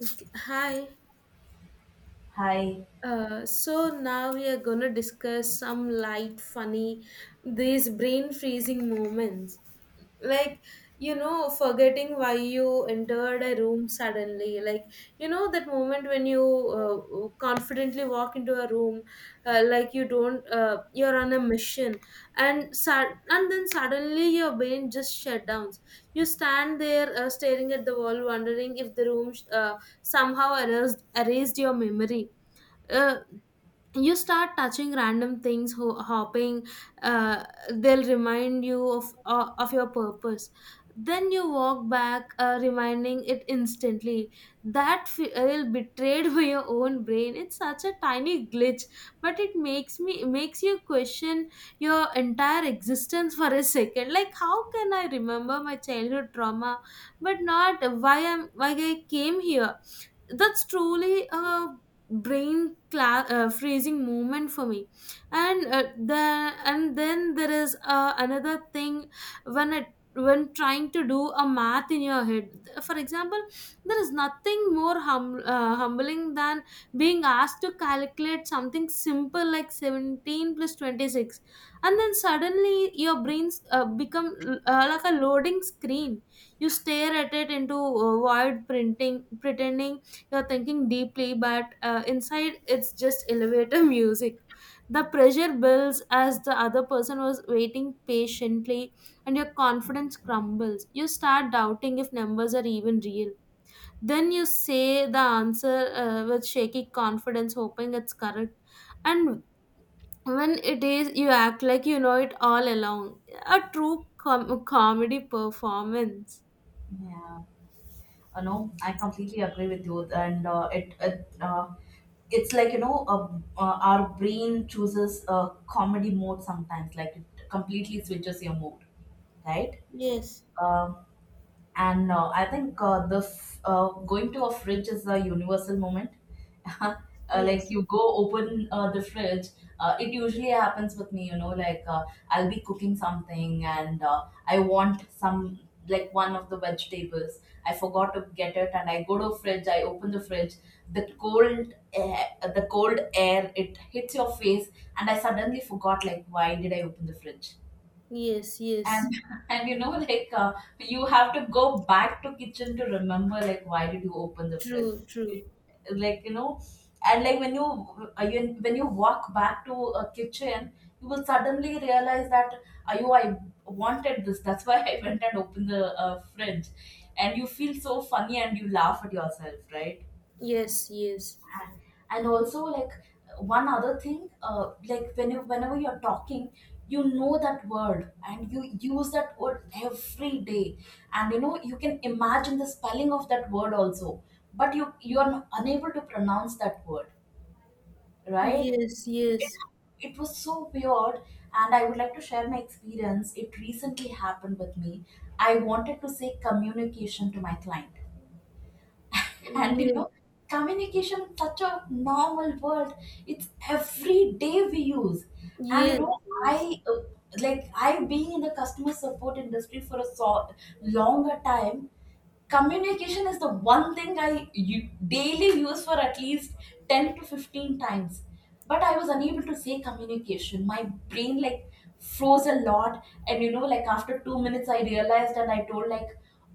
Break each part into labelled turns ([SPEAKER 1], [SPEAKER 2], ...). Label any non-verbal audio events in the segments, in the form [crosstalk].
[SPEAKER 1] Okay, hi,
[SPEAKER 2] Hi.
[SPEAKER 1] so now we are going to discuss some light, funny, these brain freezing moments. Like, forgetting why you entered a room suddenly. That moment when you confidently walk into a room, like you don't, you're on a mission, and then suddenly your brain just shut down. You stand there staring at the wall, wondering if the room somehow erased your memory. Uh, you start touching random things, hopping uh, they'll remind you of your purpose. Then you walk back, reminding it instantly that feel betrayed [laughs] by your own brain. It's such a tiny glitch, but it makes you question your entire existence for a second. Like, how can I remember my childhood trauma but not why I came here? That's truly a brain freezing moment for me. And uh, the and then there is another thing when it when trying to do a math in your head, for example. There is nothing more humbling than being asked to calculate something simple like 17 plus 26, and then suddenly your brains become like a loading screen. You stare at it into void printing, pretending you're thinking deeply, but inside it's just elevator [laughs] music. The pressure builds as the other person was waiting patiently, and your confidence crumbles. You start doubting if numbers are even real. Then you say the answer, with shaky confidence, hoping it's correct. And when it is, you act like you know it all along. A true comedy performance.
[SPEAKER 2] Yeah. No, I completely agree with you. And it's like our brain chooses a comedy mode sometimes. Like it completely switches your mood, right? Uh, and I think going to a fridge is a universal moment. [laughs] uh, like
[SPEAKER 1] Yes,
[SPEAKER 2] you go open the fridge. It usually happens with me, you know, like I'll be cooking something and I want some, like, one of the vegetables. I forgot to get it, and I go to fridge, I open the fridge. the cold air, the cold air, it hits your face, and I suddenly forgot, like, why did I open the fridge.
[SPEAKER 1] yes. Yes,
[SPEAKER 2] And [laughs] and you know, like, you have to go back to kitchen to remember, like, why did you open the fridge.
[SPEAKER 1] true. True.
[SPEAKER 2] it, like, you know. And like when you walk back to a kitchen, you will suddenly realize that, ayo, I wanted this, that's why [laughs] I went and opened the fridge. And you feel so funny and you laugh at yourself, right?
[SPEAKER 1] Yes, yes.
[SPEAKER 2] And also, like, one other thing. Like when whenever you're talking, you know that word and you use that word every day, and you know you can imagine the spelling of that word also, but you are unable to pronounce that word, right?
[SPEAKER 1] Yes,
[SPEAKER 2] it,
[SPEAKER 1] yes,
[SPEAKER 2] it was so weird, and I would like to share my experience. It recently happened with me. I wanted to say communication to my client. [laughs] And you
[SPEAKER 1] yes,
[SPEAKER 2] know, communication is such a normal word. It's every day we use. And you know,
[SPEAKER 1] yes,
[SPEAKER 2] I like, I being in the customer support industry for a so longer time, communication is the one thing I u- daily use for at least 10 to 15 times. But I was unable to say communication. My brain, like, froze a lot. And you know, like, after 2 minutes, I realized and I told, like,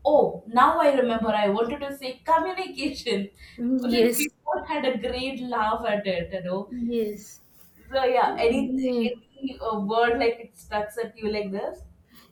[SPEAKER 2] oh, now I remember I wanted to say communication. [laughs]
[SPEAKER 1] yes,
[SPEAKER 2] Like,
[SPEAKER 1] yes,
[SPEAKER 2] we all had a great laugh at it, you know.
[SPEAKER 1] yes,
[SPEAKER 2] So yeah,
[SPEAKER 1] yes. Yeah.
[SPEAKER 2] any word like it stuck at you like this?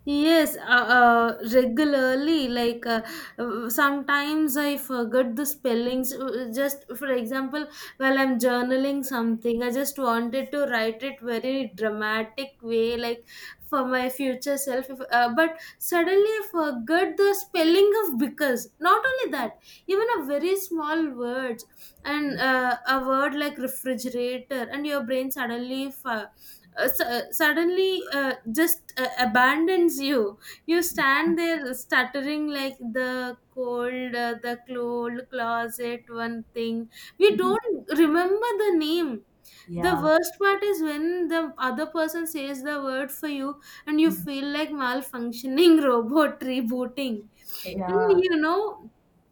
[SPEAKER 1] Yes, regularly. Sometimes I forget the spellings. Just for example, while I'm journaling something, I just wanted to write it very dramatic way, like for my future self. But suddenly I forgot the spelling of because. Not only that, even a very small word, and a word like refrigerator, and your brain suddenly suddenly just abandons you. You stand there stuttering like the cold closet, one thing we don't remember the name. The
[SPEAKER 2] Yeah.
[SPEAKER 1] worst part is when the other person says the word for you and you
[SPEAKER 2] Mhm.
[SPEAKER 1] feel like malfunctioning [laughs] robot rebooting.
[SPEAKER 2] Yeah.
[SPEAKER 1] And
[SPEAKER 2] Yeah.
[SPEAKER 1] you know,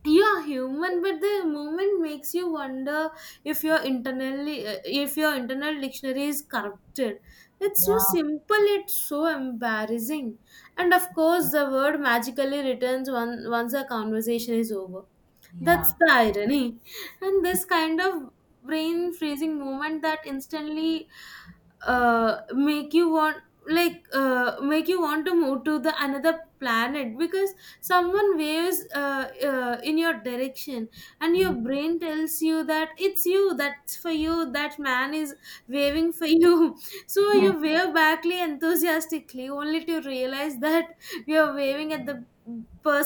[SPEAKER 1] you're human, but the moment makes you wonder if your internal dictionary is corrupted. It's so simple, it's so embarrassing. And of course, the word magically returns once the conversation is over. That's
[SPEAKER 2] Yeah.
[SPEAKER 1] the irony. And this kind of brain freezing moment that instantly uh, make you want make you want to move to the another planet because someone waves in your direction, and your
[SPEAKER 2] Yeah.
[SPEAKER 1] brain tells you that it's you, that man is waving for you. [laughs] So
[SPEAKER 2] Yeah.
[SPEAKER 1] you wave backly enthusiastically only to realize that you're waving at the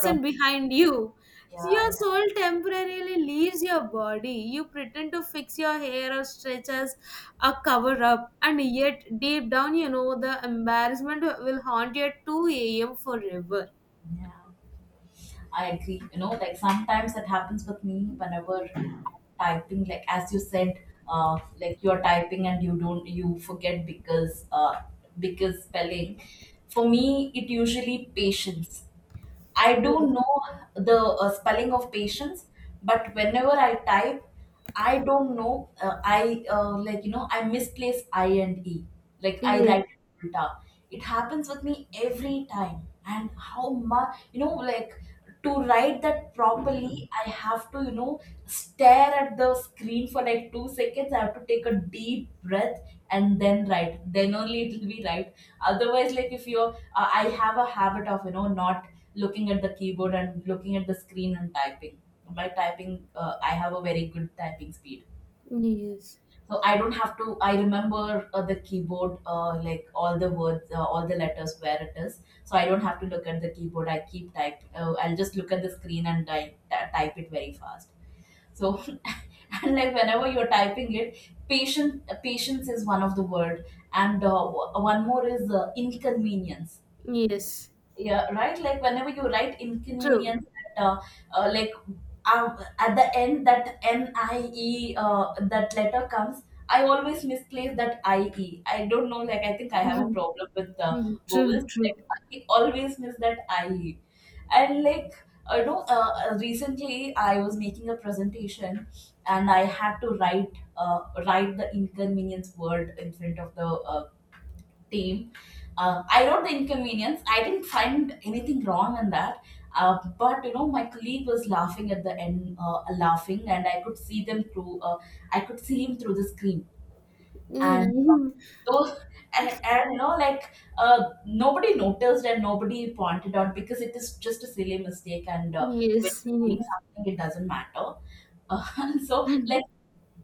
[SPEAKER 2] From,
[SPEAKER 1] behind you. So
[SPEAKER 2] yeah,
[SPEAKER 1] your
[SPEAKER 2] yeah,
[SPEAKER 1] soul temporarily leaves your body. You pretend to fix your hair or stretch as a cover up, and yet deep down, you know the embarrassment will haunt you at 2 a.m. forever.
[SPEAKER 2] yeah. I agree. You know, like, sometimes that happens with me whenever I'm typing. Like, as you said, like, you're typing and you don't you forget because spelling. For me, it usually patience. I
[SPEAKER 1] Yes,
[SPEAKER 2] don't know the spelling of patience, but whenever I type, I don't know. I like, you know, I misplace I and E. Like, I
[SPEAKER 1] yes,
[SPEAKER 2] write it ulta. It happens with me every time. And how much, you know, like, to write that properly, I have to, you know, stare at the screen for like 2 seconds, I have to take a deep breath and then write, then only it will be right. Otherwise, like, if you're I have a habit of, you know, not looking at the keyboard and looking at the screen and typing. My typing, I have a very good typing speed,
[SPEAKER 1] yes.
[SPEAKER 2] so I don't have to. I remember the keyboard, like, all the words, all the letters, where it is. So I don't have to look at the keyboard. I keep type. I'll just look at the screen and I type it very fast. So [laughs] and like, whenever you're typing it, patient patience is one of the word, and one more is inconvenience.
[SPEAKER 1] Yes,
[SPEAKER 2] Yeah, right, like whenever you write
[SPEAKER 1] true.
[SPEAKER 2] inconvenience, that, like at the end that nie, that letter comes. I always misplace that I E. I don't know, like, I think I
[SPEAKER 1] [laughs]
[SPEAKER 2] have
[SPEAKER 1] Mhm,
[SPEAKER 2] a problem with the
[SPEAKER 1] mhm, true,
[SPEAKER 2] vowels,
[SPEAKER 1] true.
[SPEAKER 2] like, I always miss that ie. And like, recently I was making a presentation and I had to write write the inconvenience word in front of the team. I wrote the inconvenience. I didn't find anything wrong in that. But you know, my colleague was laughing at the end, laughing, and I could see them through. I could see him through the screen,
[SPEAKER 1] [laughs]
[SPEAKER 2] and uh,
[SPEAKER 1] Mhm.
[SPEAKER 2] those, and you know, like, nobody noticed and nobody pointed out because it is just a silly mistake, and when
[SPEAKER 1] Yes,
[SPEAKER 2] you're doing something, it doesn't matter. [laughs] So,
[SPEAKER 1] yes.
[SPEAKER 2] like,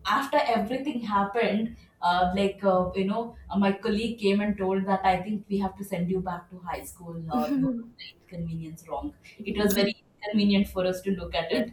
[SPEAKER 2] after everything happened, my colleague came and told that I think we have to send you back to high school. You have the
[SPEAKER 1] [laughs]
[SPEAKER 2] inconvenience wrong. It was very inconvenient for us to look at it.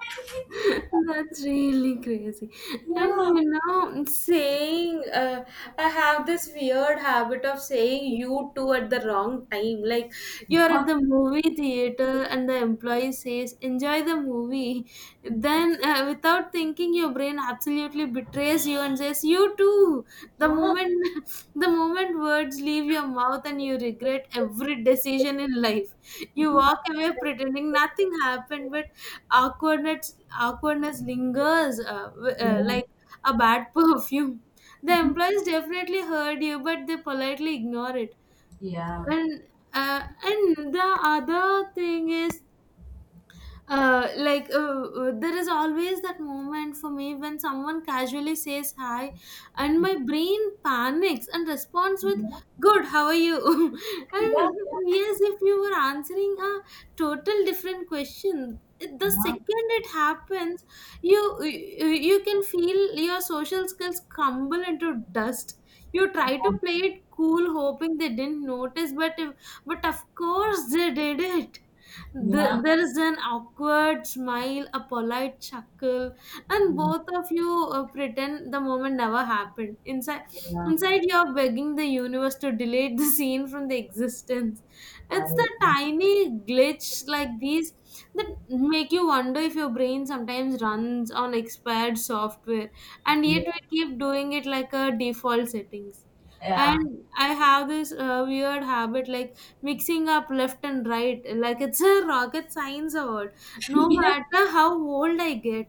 [SPEAKER 2] I think,
[SPEAKER 1] That's really crazy.
[SPEAKER 2] yeah,
[SPEAKER 1] And you know, saying, I have this weird habit of saying "you too" at the wrong time. Like, you're at the movie theater and the employee says, "enjoy the movie." Then, without thinking, your brain absolutely betrays you and says, "you too." The
[SPEAKER 2] yeah,
[SPEAKER 1] moment, [laughs] the moment words leave your mouth, and you regret every decision in life. You
[SPEAKER 2] think
[SPEAKER 1] walk
[SPEAKER 2] I-
[SPEAKER 1] away pretending nothing happened, but awkwardness awkwardness lingers
[SPEAKER 2] yeah.
[SPEAKER 1] like a bad [laughs] perfume. The
[SPEAKER 2] Mhm.
[SPEAKER 1] employees definitely heard you, but they politely ignore it.
[SPEAKER 2] Yeah, yeah,
[SPEAKER 1] And and the other thing is uh, like uh, there is always that moment for me when someone casually says "hi" and my brain panics and responds with "good, how are you?" [laughs]
[SPEAKER 2] yeah, yeah,
[SPEAKER 1] And
[SPEAKER 2] yeah, yeah.
[SPEAKER 1] yes, if you were answering a total different question. The second it happens, you can feel your social skills crumble into dust. You try to play it cool, hoping they didn't notice, but if, but of course they did. There is an awkward smile, a polite chuckle, and
[SPEAKER 2] Mm.
[SPEAKER 1] both of you pretend the moment never happened.
[SPEAKER 2] Yeah.
[SPEAKER 1] Inside, you are begging the universe to delete the [laughs] scene from the existence. It's the tiny glitch like these that make you wonder if your brain sometimes runs on expired software, and yet we keep doing it like a default settings. And I have this weird habit like mixing up left and right like it's a rocket science award.
[SPEAKER 2] [laughs]
[SPEAKER 1] No
[SPEAKER 2] Yeah, yeah. [laughs]
[SPEAKER 1] matter how old I get,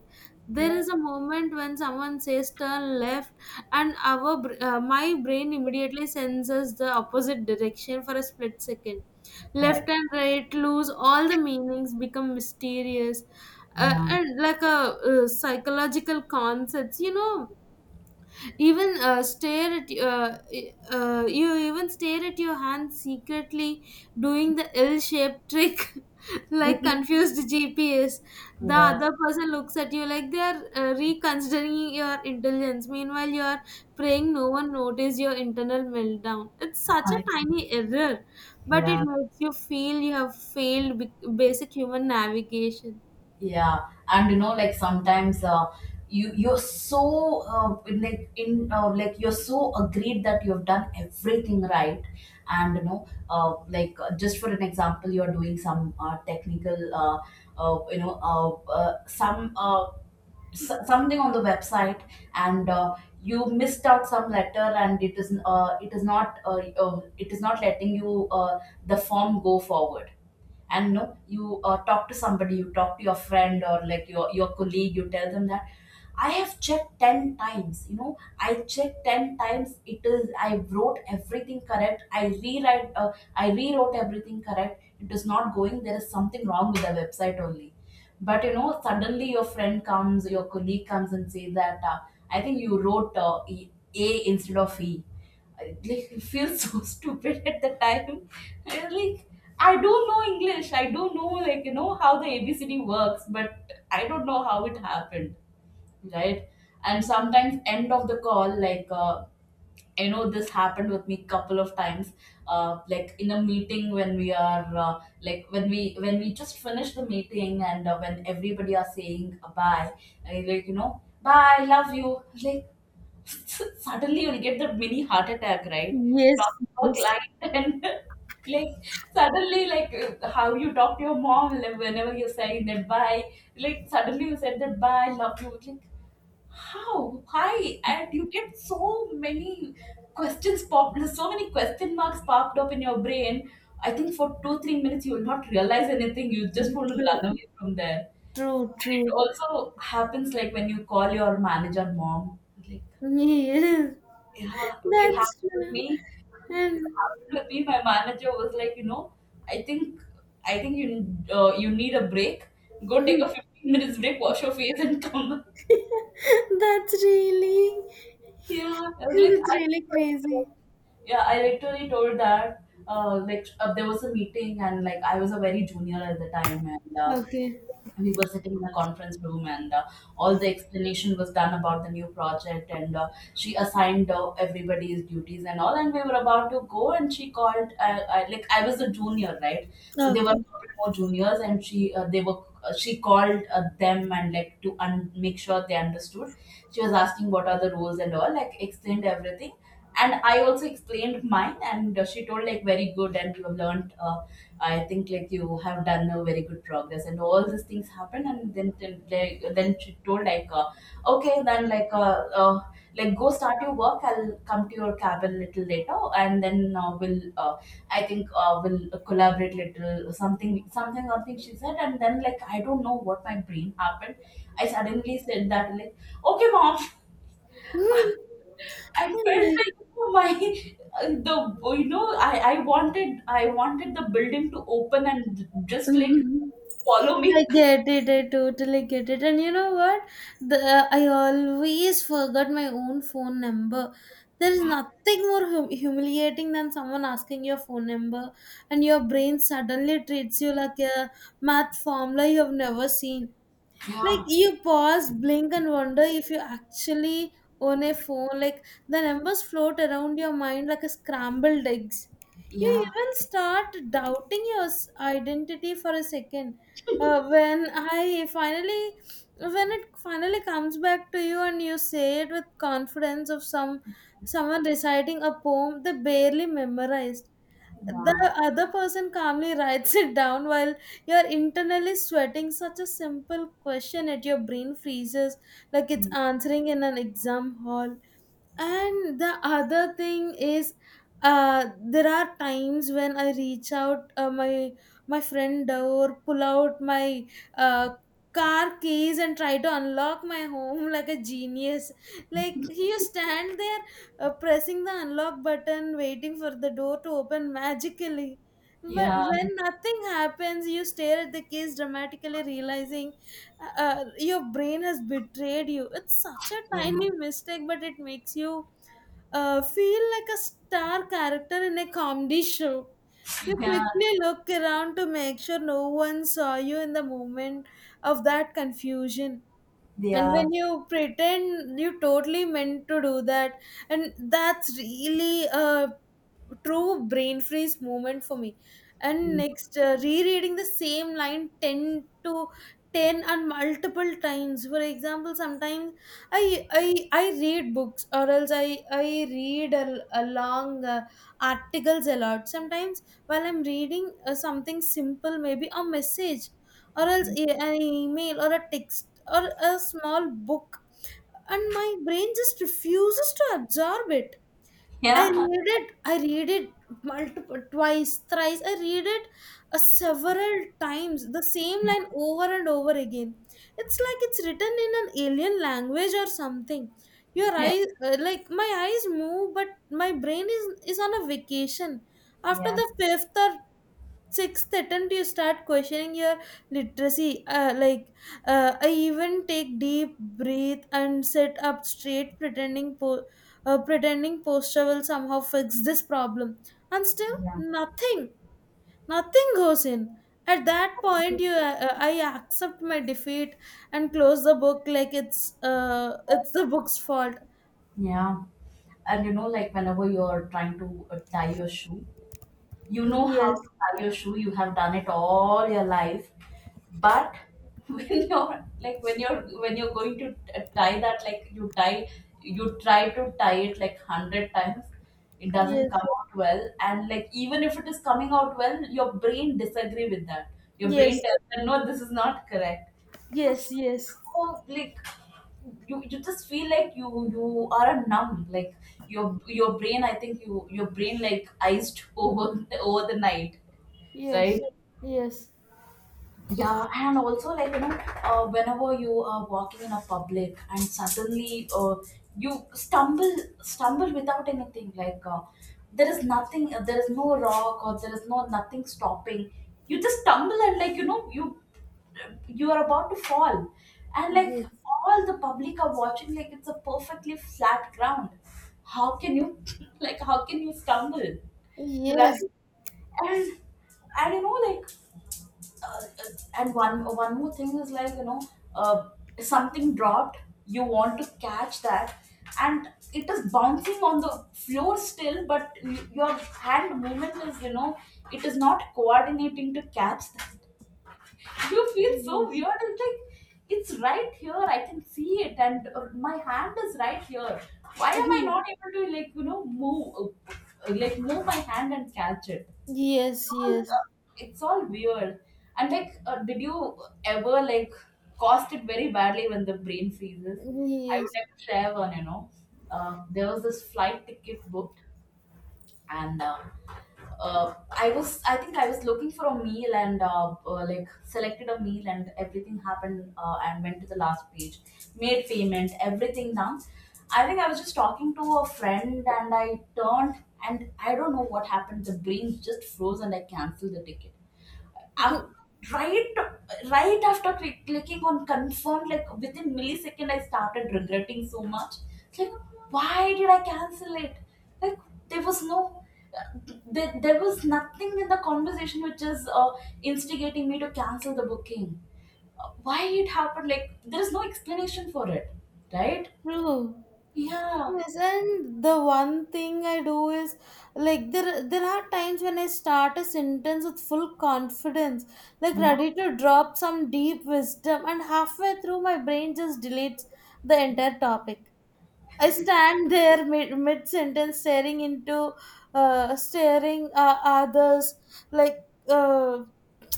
[SPEAKER 1] there
[SPEAKER 2] Yeah,
[SPEAKER 1] is a moment when someone says "turn left" and my brain immediately senses the opposite direction for a split second. Left
[SPEAKER 2] I,
[SPEAKER 1] and right lose all the meanings, become mysterious
[SPEAKER 2] yeah.
[SPEAKER 1] and like a psychological concepts, you know. Even stare at You even stare at your hand secretly, doing the ill-shaped trick, [laughs] like
[SPEAKER 2] Mhm.
[SPEAKER 1] confused GPS. The
[SPEAKER 2] Yeah,
[SPEAKER 1] other person looks at you like they are reconsidering your intelligence, meanwhile you are praying no one notice your internal meltdown. It's such a
[SPEAKER 2] I,
[SPEAKER 1] tiny error, but it
[SPEAKER 2] yeah.
[SPEAKER 1] makes you feel you have failed basic human navigation.
[SPEAKER 2] Yeah, and you know, like, sometimes you you're so like in like you're so agreed that you've done everything right. And you know, just for an example, you're doing some technical you know some s- something on the website, and you missed out some letter, and it is not letting you the form go forward. And no you talk to somebody, you talk to your friend or like your colleague, you tell them that I have checked 10 times, you know, I checked 10 times, it is, I wrote everything correct, I rewrote everything correct, it is not going, there is something wrong with the website only. But you know, suddenly your friend comes, your colleague comes and says that I think you wrote a instead of e. I like feel so [laughs] stupid at the time. I like, I don't know English. I don't know, like, you know, how the ABCD works, but I don't know how it happened, right? And sometimes end of the call, like, I know this happened with me couple of times, like, in a meeting when we are when we just finish the meeting and when everybody are saying bye, like, you know, bye, love you, like. [laughs] Suddenly you'll get that mini heart attack, right? You
[SPEAKER 1] Yes,
[SPEAKER 2] talk to a
[SPEAKER 1] yes.
[SPEAKER 2] client [laughs] and, like, suddenly, like, how you talk to your mom, like, whenever you're saying that bye, like suddenly you said that bye, love you. Like, how? Why? And you get so many questions pop so many question marks popped up in your brain. I think for two, 3 minutes you will not realize anything. You just want to
[SPEAKER 1] True,
[SPEAKER 2] run away from there.
[SPEAKER 1] true,
[SPEAKER 2] And it
[SPEAKER 1] true.
[SPEAKER 2] also happens like when you call your manager mom. Like,
[SPEAKER 1] [laughs] Yes,
[SPEAKER 2] yeah, it really
[SPEAKER 1] that's
[SPEAKER 2] happened with
[SPEAKER 1] true.
[SPEAKER 2] me. It
[SPEAKER 1] And
[SPEAKER 2] happened with me. My manager was like, you know, I think, I think you you need a break. Go take a 15 minutes break, wash your face, and come. [laughs]
[SPEAKER 1] [laughs] that's really,
[SPEAKER 2] Yeah, I was like,
[SPEAKER 1] that's
[SPEAKER 2] I.
[SPEAKER 1] really crazy.
[SPEAKER 2] Yeah, I literally told that there was a meeting, and like, I was a very junior at the time, and
[SPEAKER 1] Okay,
[SPEAKER 2] we were sitting in the conference room, and all the explanation was done about the new project, and she assigned everybody's duties and all, and we were about to go, and she called like, I was a junior, right, so they were a
[SPEAKER 1] okay.
[SPEAKER 2] couple more juniors, and she they were she called them and, like, to un- make sure they understood. She was asking, what are the rules and all, like, explained everything, and I also explained mine, and she told, like, very good, and you have learned, I think, like, you have done a very good progress, and all these things happened, and then she told like, okay then, like, like, go start your work, I'll come to your cabin a little later, and then we'll I think we'll collaborate, little something something something, she said. And then, like, I don't know what my brain happened, I suddenly said that, like, okay, mom. [laughs]
[SPEAKER 1] [laughs]
[SPEAKER 2] I felt like, oh my, the you know, I wanted the building to open and just like follow me.
[SPEAKER 1] Yeah, I get it. I totally get it. And you know what? The I always forgot my own phone number. There is nothing more humiliating than someone asking your phone number, and your brain suddenly treats you like a math formula you have never seen. Like,
[SPEAKER 2] Yeah,
[SPEAKER 1] you pause, blink, and wonder if you actually own a phone. Like, the numbers float around your mind like a scrambled eggs. You
[SPEAKER 2] yeah,
[SPEAKER 1] even start doubting your identity for a second. uh, when i finally when it finally comes back to you and you say it with confidence of someone reciting a poem they barely memorized, the
[SPEAKER 2] yeah,
[SPEAKER 1] other person calmly writes it down while you're internally sweating. Such a simple question at your brain freezes like it's
[SPEAKER 2] mm,
[SPEAKER 1] answering in an exam hall. And the other thing is, there are times when I reach out my friend door, pull out my uh car keys and try to unlock my home [laughs] like a genius. Like, you stand there pressing the unlock button, waiting for the door to open magically, but
[SPEAKER 2] yeah,
[SPEAKER 1] when nothing happens you stare at the keys dramatically, realizing your brain has betrayed you. It's such a
[SPEAKER 2] yeah,
[SPEAKER 1] tiny mistake, but it makes you feel like a star character in a comedy show. You
[SPEAKER 2] yeah,
[SPEAKER 1] quickly look around to make sure no one saw you in the moment of that confusion, and
[SPEAKER 2] yeah,
[SPEAKER 1] when you pretend you totally meant to do that. And that's really a true brain freeze moment for me. And
[SPEAKER 2] mm,
[SPEAKER 1] next, rereading the same line 10 to 10 and multiple times, for example. Sometimes i i I read books, or else I read a long articles a lot. Sometimes while I'm reading something simple, maybe a message or else an email or a text or a small book, and my brain just refuses to absorb it.
[SPEAKER 2] yeah,
[SPEAKER 1] I read it multiple, twice, thrice, I read it several times, the same line over and over again. It's like it's written in an alien language or something. Your
[SPEAKER 2] yeah,
[SPEAKER 1] eyes like My eyes move, but my brain is on a vacation. After
[SPEAKER 2] yeah,
[SPEAKER 1] the fifth or sixth attempt, you start questioning your literacy. I even take deep breath and sit up straight, pretending pretending posture will somehow fix this problem, and still
[SPEAKER 2] yeah,
[SPEAKER 1] nothing. Nothing goes in. At that point, you I accept my defeat and close the book like it's the book's fault.
[SPEAKER 2] yeah. And you know, like whenever you're trying to tie your shoe, you know how
[SPEAKER 1] Yes,
[SPEAKER 2] to tie your shoe. You have done it all your life but [laughs] when you're like when you're going to tie that, like you try to tie it like 100 times. It doesn't
[SPEAKER 1] yes,
[SPEAKER 2] come out well, and like even if it is coming out well, your brain disagree with that. Your brain
[SPEAKER 1] yes,
[SPEAKER 2] tells you, no, this is not correct. You
[SPEAKER 1] yes, yes,
[SPEAKER 2] feel like you just feel like you are numb, like your your brain, I think your brain like iced over [laughs] over the night,
[SPEAKER 1] yes,
[SPEAKER 2] right?
[SPEAKER 1] yes, yes,
[SPEAKER 2] Yeah, and also like you know, whenever you are walking in a public and suddenly you stumble without anything, like there is nothing, there is no rock, or there is no nothing stopping. You just stumble, and like you know you you are about to fall, and like
[SPEAKER 1] yes.
[SPEAKER 2] all the public are watching like it's a perfectly flat ground. How can you [laughs] like how can you stumble, right?
[SPEAKER 1] Yes.
[SPEAKER 2] and and you know like, uh, and one one more thing is like you know, uh, something dropped, you want to catch that and it is bouncing on the floor still, but your hand movement is, you know, it is not coordinating to catch that. [laughs] You feel so
[SPEAKER 1] Yes.
[SPEAKER 2] weird. It's like it's right here, I can see it, and my hand is right here. Why am I not
[SPEAKER 1] [laughs]
[SPEAKER 2] able to, like you know, move like move my hand and catch it?
[SPEAKER 1] Yes,
[SPEAKER 2] All
[SPEAKER 1] yes,
[SPEAKER 2] It's all weird. And like, did you ever like cost it very badly when the brain freezes? I would
[SPEAKER 1] yes.
[SPEAKER 2] like to share one. You know, there was this flight ticket booked and I think I was looking for a meal, and like selected a meal and everything happened, and went to the last page, made payment, everything done. I think I was just talking to a friend, and I turned and I don't know what happened. The brain just froze and I canceled the ticket. I, right, clicking on confirm, like within millisecond, I started regretting so much, like why did I cancel it? Like there was no, there was nothing in the conversation which is instigating me to cancel the booking. Why it happened? Like there is no explanation for it, right?
[SPEAKER 1] True.
[SPEAKER 2] Yeah,
[SPEAKER 1] Yes, and the one thing I do is, like, there are times when I start a sentence with full confidence, like
[SPEAKER 2] yeah,
[SPEAKER 1] ready to drop some deep wisdom, and halfway through my brain just deletes the entire topic. I stand [laughs] there mid sentence, staring into staring others, like uh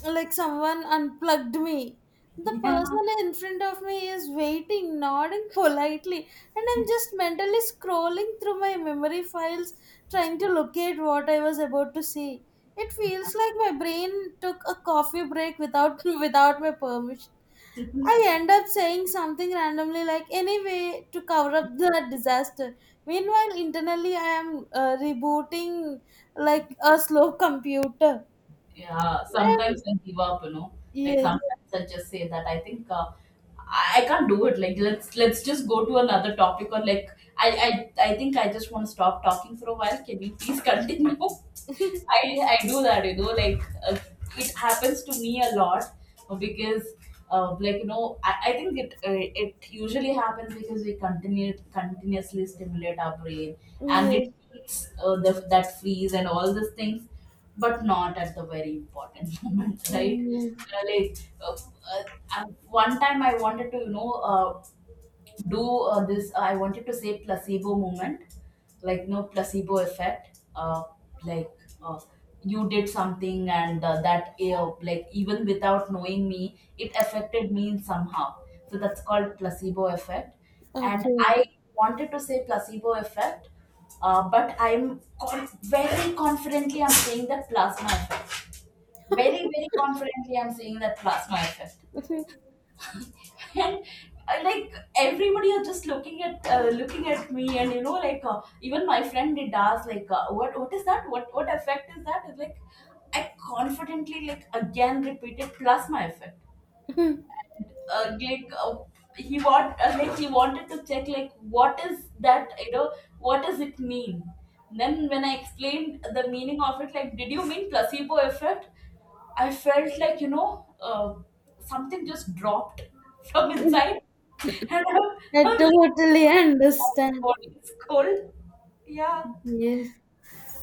[SPEAKER 1] someone unplugged me. The
[SPEAKER 2] yeah.
[SPEAKER 1] person in front of me is waiting, nodding politely, and I'm just mentally scrolling through my memory files, trying to locate what I was about to see. It feels like my brain took a coffee break without [laughs] without my permission. I
[SPEAKER 2] [laughs]
[SPEAKER 1] end up saying something randomly like "anyway" to cover up the disaster. Meanwhile, internally I am rebooting like a slow [laughs] computer.
[SPEAKER 2] Yeah,
[SPEAKER 1] And
[SPEAKER 2] sometimes I give up, you know, like
[SPEAKER 1] yes.
[SPEAKER 2] sometimes I just say that I think I can't do it. Like let's just go to another topic, or like I I, I think I just want to stop talking for a while. Can you please continue? [laughs] I
[SPEAKER 1] [laughs]
[SPEAKER 2] I do that, you know, like it happens to me a lot, because. Like you know, I think it it usually happens because we continue continuously stimulate our brain, and it
[SPEAKER 1] Yes,
[SPEAKER 2] keeps that freeze and all these things, but not at the very important [laughs] moment, right?
[SPEAKER 1] yes.
[SPEAKER 2] Uh, like uh, uh, one time I wanted to, you know, do this I wanted to say placebo moment, like no, placebo effect, like uh, you did something and that like even without knowing me, it affected me somehow, so that's called placebo effect. And
[SPEAKER 1] Okay.
[SPEAKER 2] I wanted to say placebo effect, but very confidently I'm saying that plasma effect. Very very confidently I'm saying that plasma effect. And like everybody are just looking at me, and you know like, even my friend did ask, like what is that, what effect is that? It's like I confidently, like, again repeated plus my effect.
[SPEAKER 1] [laughs]
[SPEAKER 2] uh, like uh, he wanted to check, like what is that, you know, what does it mean? Then when I explained the meaning of it, like did you mean placebo effect? I felt like, you know, uh, something just dropped [laughs] from inside, and [laughs]
[SPEAKER 1] I
[SPEAKER 2] I'm like
[SPEAKER 1] totally
[SPEAKER 2] "Oh, my
[SPEAKER 1] understand.
[SPEAKER 2] body is cold." Yeah,
[SPEAKER 1] Yes.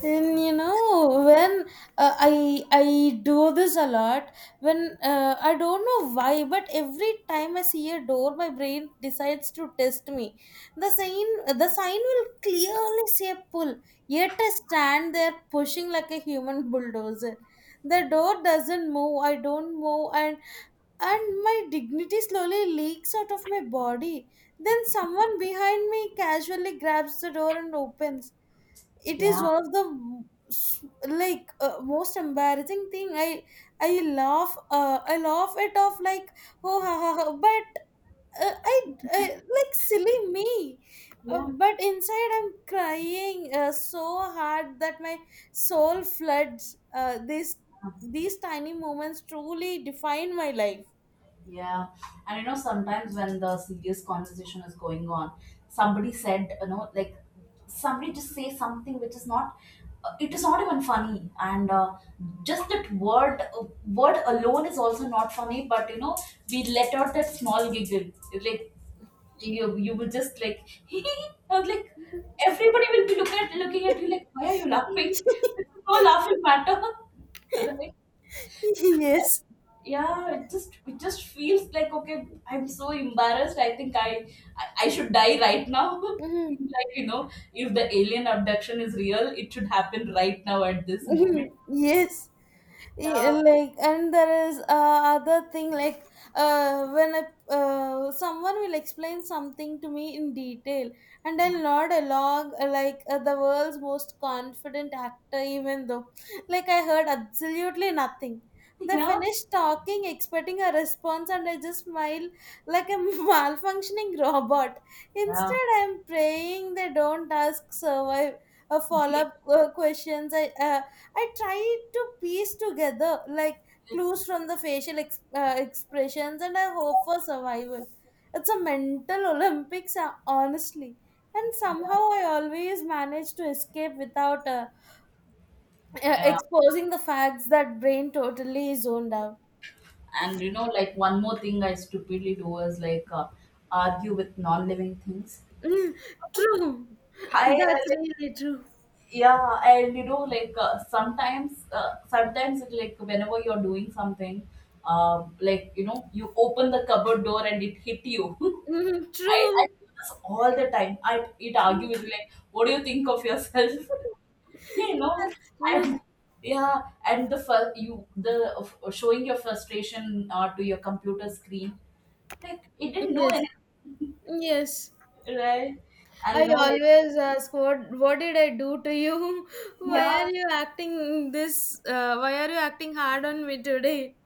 [SPEAKER 1] And you know when I do this a lot. When I don't know why, but every time I see a door my brain decides to test me. The sign will clearly say pull, yet I stand there pushing like a human bulldozer. The door doesn't move, I don't move, and my dignity slowly leaks out of my body. Then someone behind me casually grabs the door and opens. It is
[SPEAKER 2] yeah.
[SPEAKER 1] one of the like most embarrassing thing. I laugh it off like, "oh, ha, ha, ha," but I like, silly me,
[SPEAKER 2] Yeah.
[SPEAKER 1] but inside I'm crying so hard that my soul floods. This These tiny moments truly define my life.
[SPEAKER 2] Yeah, and you know, sometimes when the serious conversation is going on, somebody said, you know, like somebody just say something which is not, it is not even funny, and just that word word alone is also not funny. But you know, we let out that small giggle, like you will just like, [laughs] hee hee, and like everybody will be looking at you like, why are you laughing? [laughs] This is no laughing matter, [laughs] right?
[SPEAKER 1] [laughs] Yes.
[SPEAKER 2] Yeah, it just feels like, okay, I'm so embarrassed, I think I should die right now. [laughs]
[SPEAKER 1] Mhm.
[SPEAKER 2] Like you know, if the alien abduction is real, it should happen right now at this moment.
[SPEAKER 1] [laughs] Yes.
[SPEAKER 2] uh,
[SPEAKER 1] Yeah, like, and there is other thing like uh, when I, someone will explain something to me in detail, and I'll nod along the world's most confident actor, even though I heard absolutely nothing. They
[SPEAKER 2] yeah,
[SPEAKER 1] finish talking expecting a response, and I just smile like a [laughs] malfunctioning robot.
[SPEAKER 2] yeah,
[SPEAKER 1] Instead, I'm praying they don't ask survive follow-up questions. I tried to piece together like clues from the facial expressions, and I hope for survival. It's a mental Olympics, honestly. And somehow I always manage to escape without
[SPEAKER 2] yeah.
[SPEAKER 1] exposing the facts that brain totally zoned out.
[SPEAKER 2] And you know, like one more thing I stupidly do is like, argue with non-living things.
[SPEAKER 1] Mm, true.
[SPEAKER 2] Hi.
[SPEAKER 1] That's really true.
[SPEAKER 2] Yeah, and you know like, sometimes it like whenever you're doing something, like you know, you open the cupboard door and it hit you.
[SPEAKER 1] Mhm,
[SPEAKER 2] [laughs] I
[SPEAKER 1] true.
[SPEAKER 2] do this all the time. I It argue
[SPEAKER 1] Mm.
[SPEAKER 2] with me, like what do you think of yourself?
[SPEAKER 1] [laughs]
[SPEAKER 2] [laughs] You know,
[SPEAKER 1] That's true.
[SPEAKER 2] and yeah, and the fir- you the showing your frustration to your computer screen, like it didn't do
[SPEAKER 1] Yes.
[SPEAKER 2] anything,
[SPEAKER 1] Yes.
[SPEAKER 2] right? And you
[SPEAKER 1] I
[SPEAKER 2] know, like,
[SPEAKER 1] always ask, what did I do to you? [laughs] Why are
[SPEAKER 2] yeah.
[SPEAKER 1] you acting this? Why are you acting hard on me today?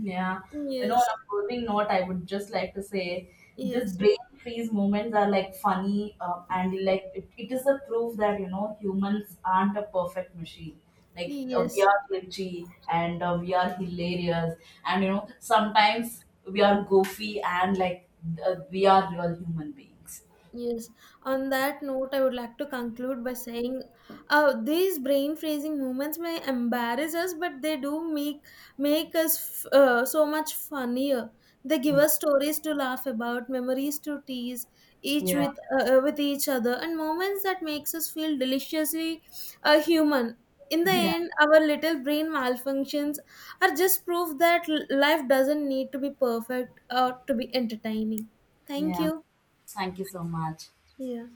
[SPEAKER 2] Yeah, you know, on
[SPEAKER 1] Yes,
[SPEAKER 2] a closing note, I would just like to say this
[SPEAKER 1] yes,
[SPEAKER 2] brain freeze moments are like funny, and like it is a proof that you know humans aren't a perfect machine. Like we
[SPEAKER 1] yes.
[SPEAKER 2] are glitchy and we are hilarious, and you know sometimes we are goofy, and like we are real human beings.
[SPEAKER 1] Yes, on that note, I would like to conclude by saying, these brain freezing moments may embarrass us, but they do make us so much funnier. They give
[SPEAKER 2] Yeah,
[SPEAKER 1] us stories to laugh about, memories to tease each
[SPEAKER 2] yeah,
[SPEAKER 1] with each other, and moments that makes us feel deliciously human. In the
[SPEAKER 2] yeah,
[SPEAKER 1] end, our little brain malfunctions are just proof that life doesn't need to be perfect or to be entertaining. Thank
[SPEAKER 2] yeah.
[SPEAKER 1] you.
[SPEAKER 2] Thank you so much.
[SPEAKER 1] Yeah.